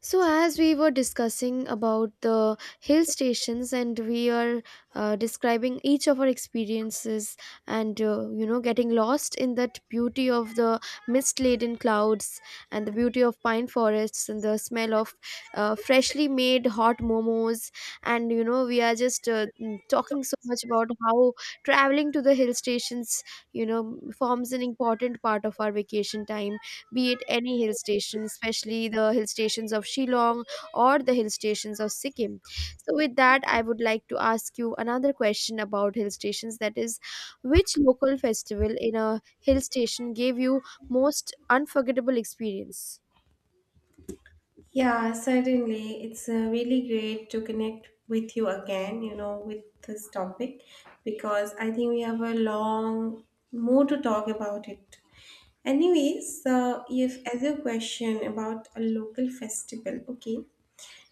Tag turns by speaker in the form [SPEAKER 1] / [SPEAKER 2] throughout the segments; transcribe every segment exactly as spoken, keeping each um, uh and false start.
[SPEAKER 1] So, as we were discussing about the hill stations, and we are uh, describing each of our experiences, and uh, you know, getting lost in that beauty of the mist-laden clouds, and the beauty of pine forests, and the smell of uh, freshly made hot momos, and you know, we are just uh, mm, talking so much about how traveling to the hill stations, you know, forms an important part of our vacation time, be it any hill station, especially the hill stations of Shillong or the hill stations of Sikkim. So, with that, I would like to ask you another question about hill stations, that is, which local festival in a hill station gave you most unforgettable experience?
[SPEAKER 2] Yeah, certainly. It's uh, really great to connect with you again, you know, with this topic because I think we have a long more to talk about it. Anyways, uh, if as your question about a local festival, okay.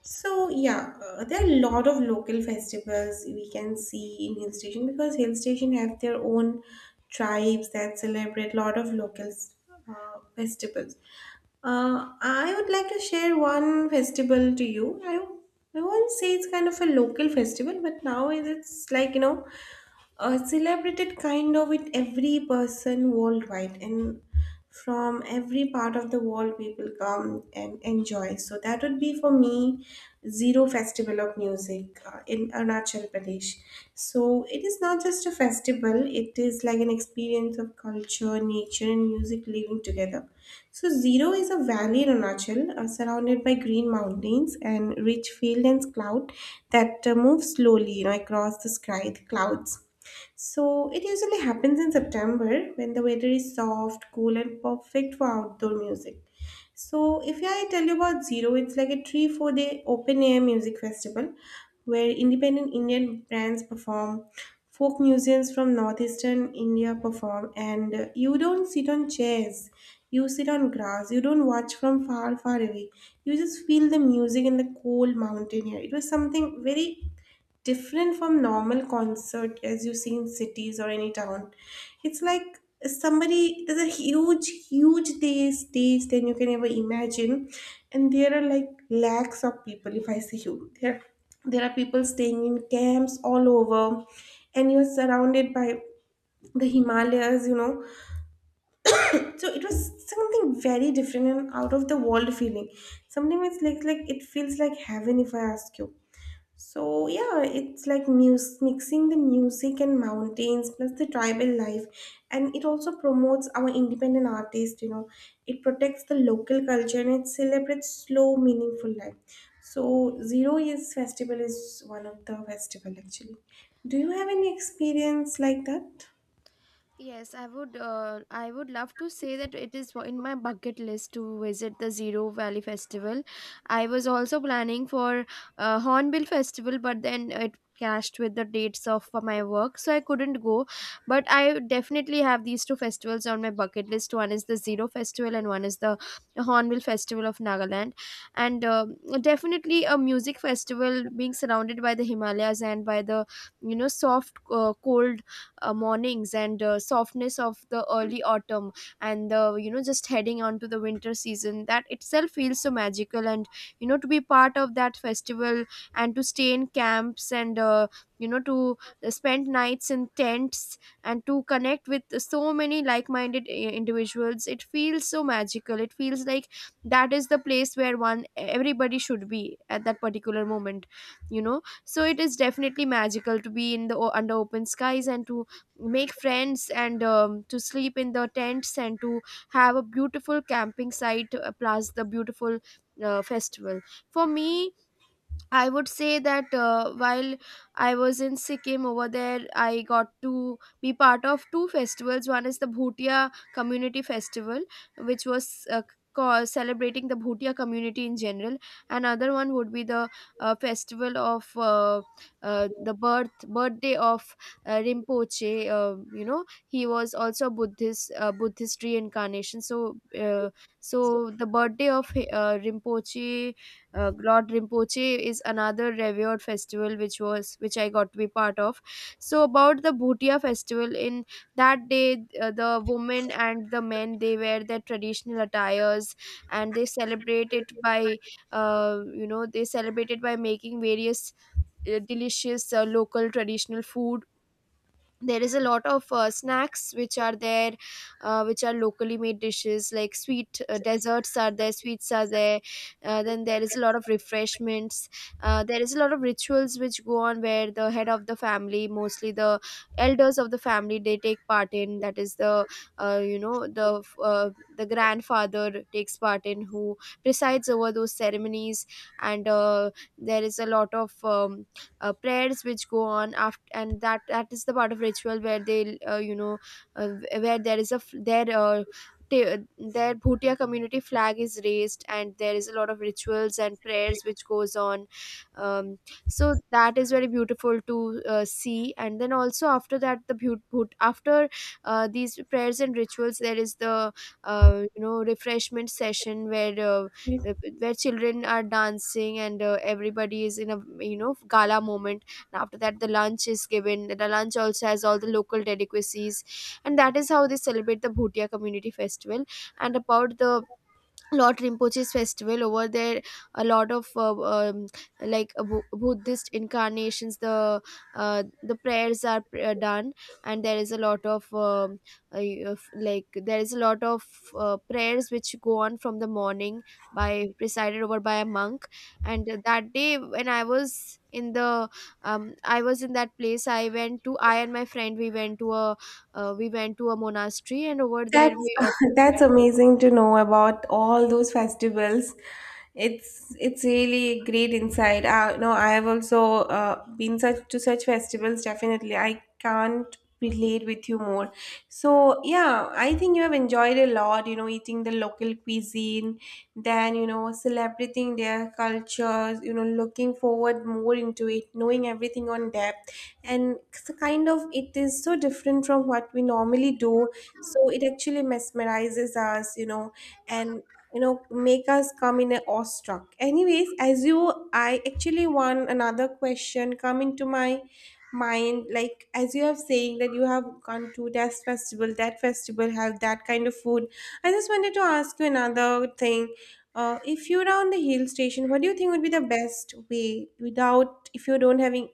[SPEAKER 2] So yeah, uh, there are a lot of local festivals we can see in hill station because hill station have their own tribes that celebrate a lot of local uh, festivals. Uh, I would like to share one festival to you. I I won't say it's kind of a local festival, but now it's like you know, uh, celebrated kind of with every person worldwide, and from every part of the world people come and enjoy, so that would be for me zero festival of music uh, in Arunachal Pradesh. So it is not just a festival, it is like an experience of culture, nature, and music living together. So Zero is a valley in Arunachal uh, surrounded by green mountains and rich fields and cloud that uh, move slowly, you know, across the sky, the clouds. So it usually happens in September when the weather is soft, cool, and perfect for outdoor music. So if I tell you about Zero, it's like a three four day open air music festival where independent Indian bands perform, folk musicians from northeastern India perform, and uh, you don't sit on chairs. You sit on grass. You don't watch from far, far away. You just feel the music in the cold mountain air. It was something very different from normal concert as you see in cities or any town. It's like somebody, there's a huge, huge day stage than you can ever imagine, and there are like lakhs of people. If I say you, there there are people staying in camps all over, and you're surrounded by the Himalayas, you know. So it was something very different and out of the world feeling. Something it's like like it feels like heaven if I ask you. So yeah, it's like mus mixing the music and mountains plus the tribal life, and it also promotes our independent artists. You know, it protects the local culture and it celebrates slow, meaningful life. So Zero Years Festival is one of the festival actually. Do you have any experience like that?
[SPEAKER 1] Yes, I would. Uh, I would love to say that it is in my bucket list to visit the Zero Valley Festival. I was also planning for uh, Hornbill Festival, but then it clashed with the dates of my work, so I couldn't go. But I definitely have these two festivals on my bucket list. One is the Zero Festival, and one is the Hornbill Festival of Nagaland. And um definitely a music festival, being surrounded by the Himalayas and by the you know soft, uh, cold uh, mornings and uh, softness of the early autumn and the you know just heading on to the winter season, that itself feels so magical. And you know, to be part of that festival and to stay in camps and uh, you know to spend nights in tents and to connect with so many like-minded i- individuals, it feels so magical. It feels like that is the place where one everybody should be at that particular moment, you know. So it is definitely magical to be in the o- under open skies and to make friends and um, to sleep in the tents and to have a beautiful camping site, uh, plus the beautiful uh, festival. For me, I would say that uh, while I was in Sikkim over there, I got to be part of two festivals. One is the Bhutia Community Festival, which was uh, ca- celebrating the Bhutia community in general. Another one would be the uh, festival of uh, uh, the birth birthday of uh, Rinpoche. Uh, you know, he was also a Buddhist uh, Buddhist reincarnation. So, uh, so the birthday of uh, Rinpoche uh, Lord Rinpoche is another revered festival which was which I got to be part of. So about the Bhutia festival, in that day uh, the women and the men, they wear their traditional attires, and they celebrate it by uh, you know they celebrate it by making various uh, delicious uh, local traditional food. There is a lot of uh, snacks which are there, uh, which are locally made dishes like sweet uh, desserts are there, sweets are there, uh, then there is a lot of refreshments, uh, there is a lot of rituals which go on where the head of the family, mostly the elders of the family, they take part in. That is the uh, you know the uh, the grandfather takes part in, who presides over those ceremonies. And uh, there is a lot of um, uh, prayers which go on after, and that that is the part of ritual where they uh, you know uh, where there is a f- their uh, ta- their Bhutia community flag is raised, and there is a lot of rituals and prayers which goes on. Um, so that is very beautiful to uh, see. And then also after that, the beaut- bhut- after uh, these prayers and rituals, there is the uh, you know refreshment session where uh, uh, where children are dancing and uh, everybody is in a you know gala moment. And after that the lunch is given. The lunch also has all the local delicacies, and that is how they celebrate the Bhutia community festival. And about the Lord Rinpoche's festival over there, a lot of uh, um, like uh, Bu- Buddhist incarnations, the uh, the prayers are uh, done, and there is a lot of um, uh, of- like there is a lot of uh, prayers which go on from the morning, by presided over by a monk. And that day when I was in the um, I was in that place, I went to I and my friend, we went to a, uh, we went to a monastery, and over there
[SPEAKER 2] That's
[SPEAKER 1] we offered.
[SPEAKER 2] that's amazing to know about all those festivals. It's it's really great insight. Uh, no, I have also uh, been such to such festivals. Definitely, I can't relate with you more. So yeah, I think you have enjoyed a lot. You know, eating the local cuisine, then you know, celebrating their cultures. You know, looking forward more into it, knowing everything on depth, and it's a kind of it is so different from what we normally do, so it actually mesmerizes us, you know, and you know make us come in a awestruck. Anyways, as you, I actually want another question come into my mind, like as you have saying that you have gone to this festival, that festival have that kind of food, I just wanted to ask you another thing. Uh, if you're on the hill station, what do you think would be the best way, without if you don't having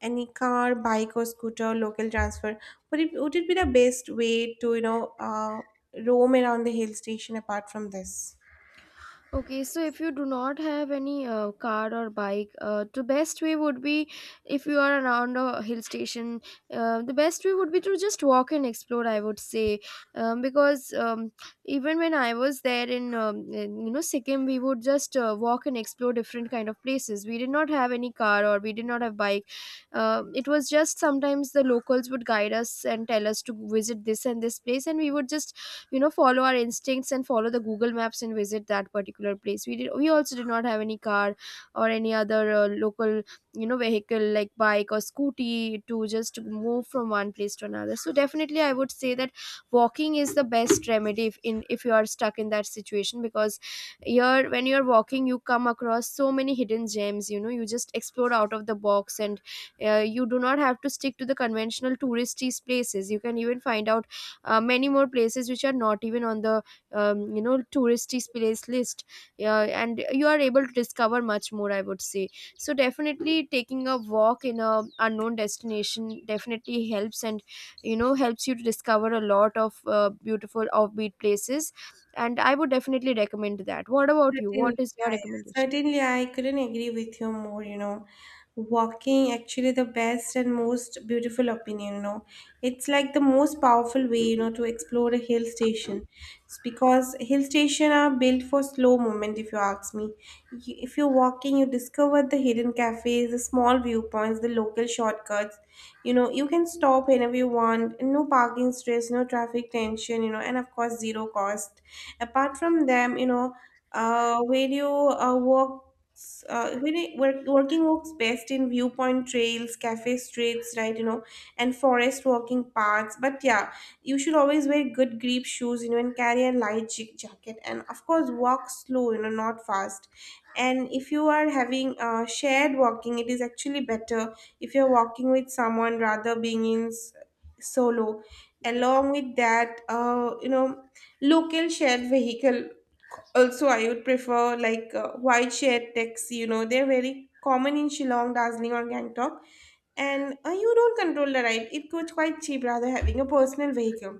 [SPEAKER 2] any car, bike, or scooter, local transfer, would it would it be the best way to you know uh, roam around the hill station apart from this?
[SPEAKER 1] Okay, so if you do not have any uh, car or bike, uh, the best way would be, if you are around a hill station, uh, the best way would be to just walk and explore, I would say. Um, because um, even when I was there in, um, in, you know, Sikkim, we would just uh, walk and explore different kind of places. We did not have any car, or we did not have bike. Uh, it was just sometimes the locals would guide us and tell us to visit this and this place, and we would just you know follow our instincts and follow the Google Maps and visit that particular place. We did we also did not have any car or any other uh, local you know vehicle like bike or scooty to just move from one place to another. So definitely I would say that walking is the best remedy if in if you are stuck in that situation, because you're when you're walking you come across so many hidden gems, you know. You just explore out of the box, and uh, you do not have to stick to the conventional touristy places. You can even find out uh, many more places which are not even on the um, you know touristy place list, uh, and you are able to discover much more, I would say. So definitely taking a walk in a unknown destination definitely helps, and you know helps you to discover a lot of uh, beautiful offbeat places, and I would definitely recommend that. What about you, what
[SPEAKER 2] Certainly,
[SPEAKER 1] is your
[SPEAKER 2] yeah, yeah.
[SPEAKER 1] recommendation?
[SPEAKER 2] Certainly, I couldn't agree with you more, you know. Walking actually the best and most beautiful opinion, you know. It's like the most powerful way, you know, to explore a hill station. It's because hill station are built for slow movement, if you ask me. You- If you're walking, you discover the hidden cafes, the small viewpoints, the local shortcuts. You know, you can stop whenever you want, and no parking stress, no traffic tension, you know, and of course zero cost. Apart from them, you know, uh, where you uh, works uh, where it work, working works best in viewpoint trails, cafe streets, right, you know, and forest walking paths. But yeah, you should always wear good grip shoes, you know, and carry a light ja- jacket, and of course walk slow, you know, not fast. And if you are having uh, shared walking, it is actually better if you're walking with someone rather being in s- solo. Along with that, uh, you know, local shared vehicle also, I would prefer, like uh, white share texts, you know, they're very common in Shillong, Darjeeling, or Gangtok. And uh, you don't control the ride, it goes quite cheap rather having a personal vehicle.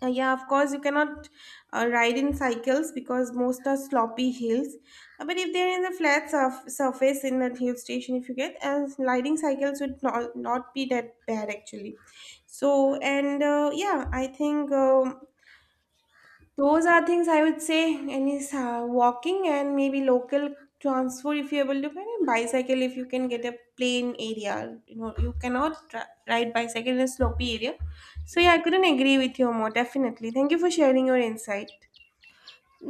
[SPEAKER 2] Uh, yeah, of course, you cannot uh, ride in cycles because most are sloppy hills. Uh, but if they're in the flat surf- surface in that hill station, if you get, uh, riding cycles would not, not be that bad actually. So, and uh, yeah, I think. Um those are things I would say. Any sa- walking and maybe local transport if you're able to, and bicycle if you can get a plain area. You know, you cannot tra- ride bicycle in a slopey area. So yeah, I couldn't agree with you more, definitely. Thank you for sharing your insight.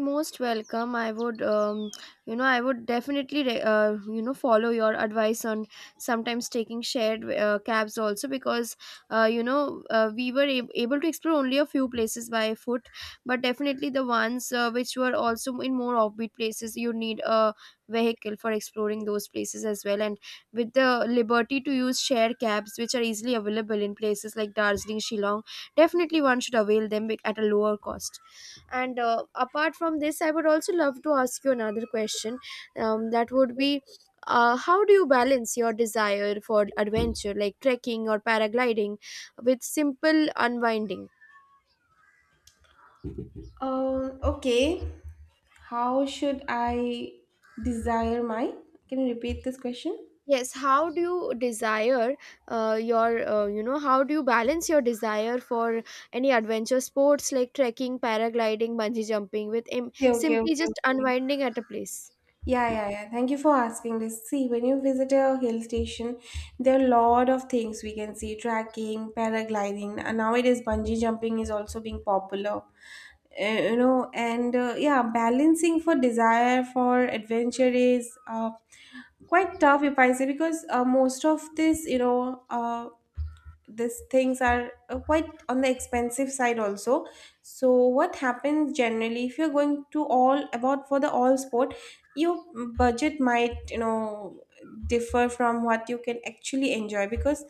[SPEAKER 1] Most welcome. I would um, you know, I would definitely re- uh, you know follow your advice on sometimes taking shared uh, cabs also, because uh, you know uh, we were ab- able to explore only a few places by foot, but definitely the ones uh, which were also in more offbeat places, you need a vehicle for exploring those places as well. And with the liberty to use shared cabs which are easily available in places like Darjeeling, Shillong, definitely one should avail them bec- at a lower cost. And uh, apart from this, I would also love to ask you another question, um, that would be, uh, how do you balance your desire for adventure, like trekking or paragliding, with simple unwinding?
[SPEAKER 2] Um, okay. How should I desire my? Can you repeat this question?
[SPEAKER 1] Yes, how do you desire uh, your uh, you know, how do you balance your desire for any adventure sports like trekking, paragliding, bungee jumping with im-
[SPEAKER 2] Okay, okay,
[SPEAKER 1] simply
[SPEAKER 2] okay.
[SPEAKER 1] just
[SPEAKER 2] Okay.
[SPEAKER 1] unwinding at a place?
[SPEAKER 2] Yeah, yeah, yeah. Thank you for asking this. See, when you visit a hill station, there are a lot of things we can see: trekking, paragliding, and nowadays bungee jumping is also being popular. Uh, you know, and uh, yeah, balancing for desire for adventure is uh, quite tough, if I say, because uh, most of this, you know, uh, these things are uh, quite on the expensive side also. So what happens generally, if you're going to all about for the all sport, your budget might, you know, differ from what you can actually enjoy, because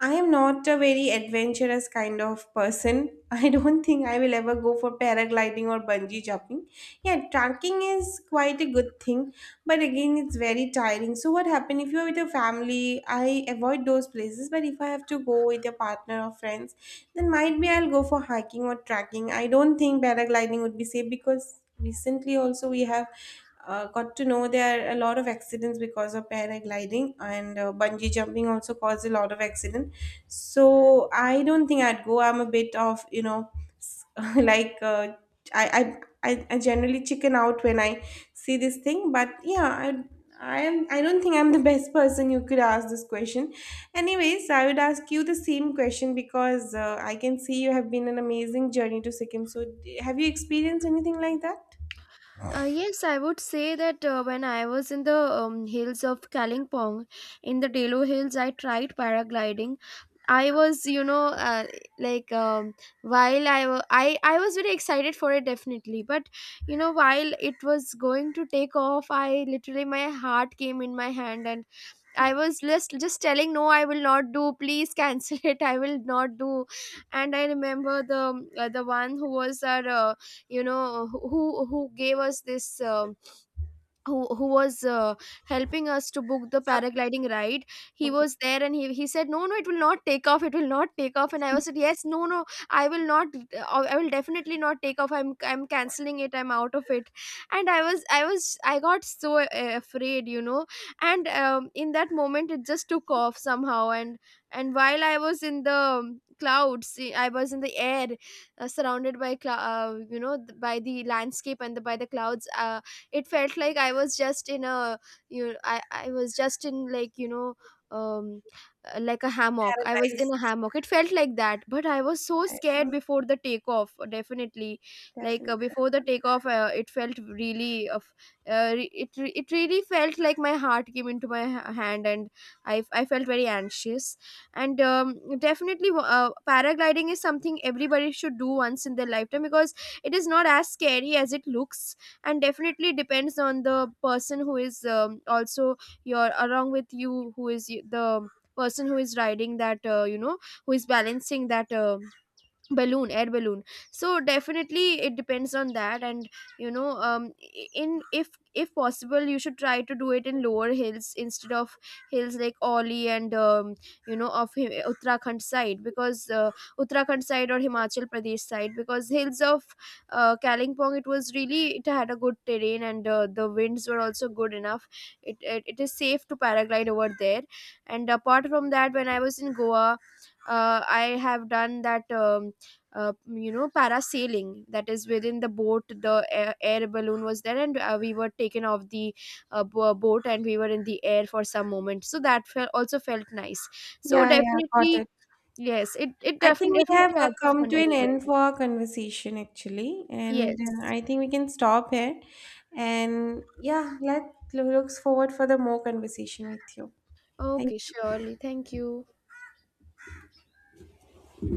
[SPEAKER 2] I am not a very adventurous kind of person. I don't think I will ever go for paragliding or bungee jumping. Yeah, trekking is quite a good thing, but again, it's very tiring. So, what happens if you're with a family? I avoid those places, but if I have to go with a partner or friends, then might be I'll go for hiking or trekking. I don't think paragliding would be safe because recently also we have uh, got to know there are a lot of accidents because of paragliding, and uh, bungee jumping also cause a lot of accident. So I don't think I'd go. I'm a bit of, you know, s- like uh, I, I i i generally chicken out when I see this thing. But yeah, i I am, I don't think I'm the best person you could ask this question. Anyways, I would ask you the same question because uh, I can see you have been an amazing journey to Sikkim. So, d- have you experienced anything like that?
[SPEAKER 1] Uh, yes, I would say that uh, when I was in the um, hills of Kalimpong, in the Delo Hills, I tried paragliding. I was, you know, uh, like um, while I, wa- I I was very excited for it definitely, but you know, while it was going to take off, I literally, my heart came in my hand, and I was just just telling, no, I will not do, please cancel it, I will not do. And I remember the uh, the one who was our uh, you know who who gave us this um, who who was uh, helping us to book the paragliding ride. He
[SPEAKER 2] Okay,
[SPEAKER 1] was there, and he, he said, no, no, it will not take off, it will not take off. And I was said, yes, no, no, I will not, uh, I will definitely not take off, i'm i'm canceling it, I'm out of it. And i was i was I got so uh, afraid, you know. And um, in that moment it just took off somehow. and and while I was in the um, clouds eh, I was in the air, uh, surrounded by clou- uh, you know th- by the landscape and the, by the clouds. Uh, it felt like I was just in a you know, I I was just in, like, you know um uh, like a hammock, I was in
[SPEAKER 2] paradise.
[SPEAKER 1] a hammock, it felt like that. But I was so scared
[SPEAKER 2] Oh,
[SPEAKER 1] before the takeoff, definitely. Like uh,
[SPEAKER 2] definitely.
[SPEAKER 1] before the takeoff, uh, it felt really of uh, re- it re- it really felt like my heart came into my ha- hand, and i i felt very anxious. And um, definitely uh, paragliding is something everybody should do once in their lifetime, because it is not as scary as it looks. And definitely depends on the person who is um, also your along with you, who is y- the person who is riding that, uh, you know who is balancing that uh, balloon air balloon. So definitely it depends on that. And you know, um in if if possible you should try to do it in lower hills instead of hills like Oli and um, you know of Hi- Uttarakhand side, because uh, Uttarakhand side or Himachal Pradesh side, because hills of uh, Kalimpong, it was really, it had a good terrain, and uh, the winds were also good enough. it, it it is safe to paraglide over there. And apart from that, when I was in Goa, uh, I have done that, um, uh, you know, parasailing, that is within the boat, the air, air balloon was there, and uh, we were taken off the uh, bo- boat, and we were in the air for some moment, so that felt, also felt nice. So
[SPEAKER 2] Yeah, yeah, got it.
[SPEAKER 1] definitely, yes, it, it
[SPEAKER 2] I think
[SPEAKER 1] definitely
[SPEAKER 2] we have
[SPEAKER 1] definitely
[SPEAKER 2] uh,
[SPEAKER 1] has a
[SPEAKER 2] come
[SPEAKER 1] fun
[SPEAKER 2] to an
[SPEAKER 1] element.
[SPEAKER 2] end for our conversation actually, and uh,
[SPEAKER 1] Yes.
[SPEAKER 2] I think we can stop here. And yeah, let looks forward for the more conversation with you. Thank
[SPEAKER 1] Okay,
[SPEAKER 2] you.
[SPEAKER 1] surely, thank you.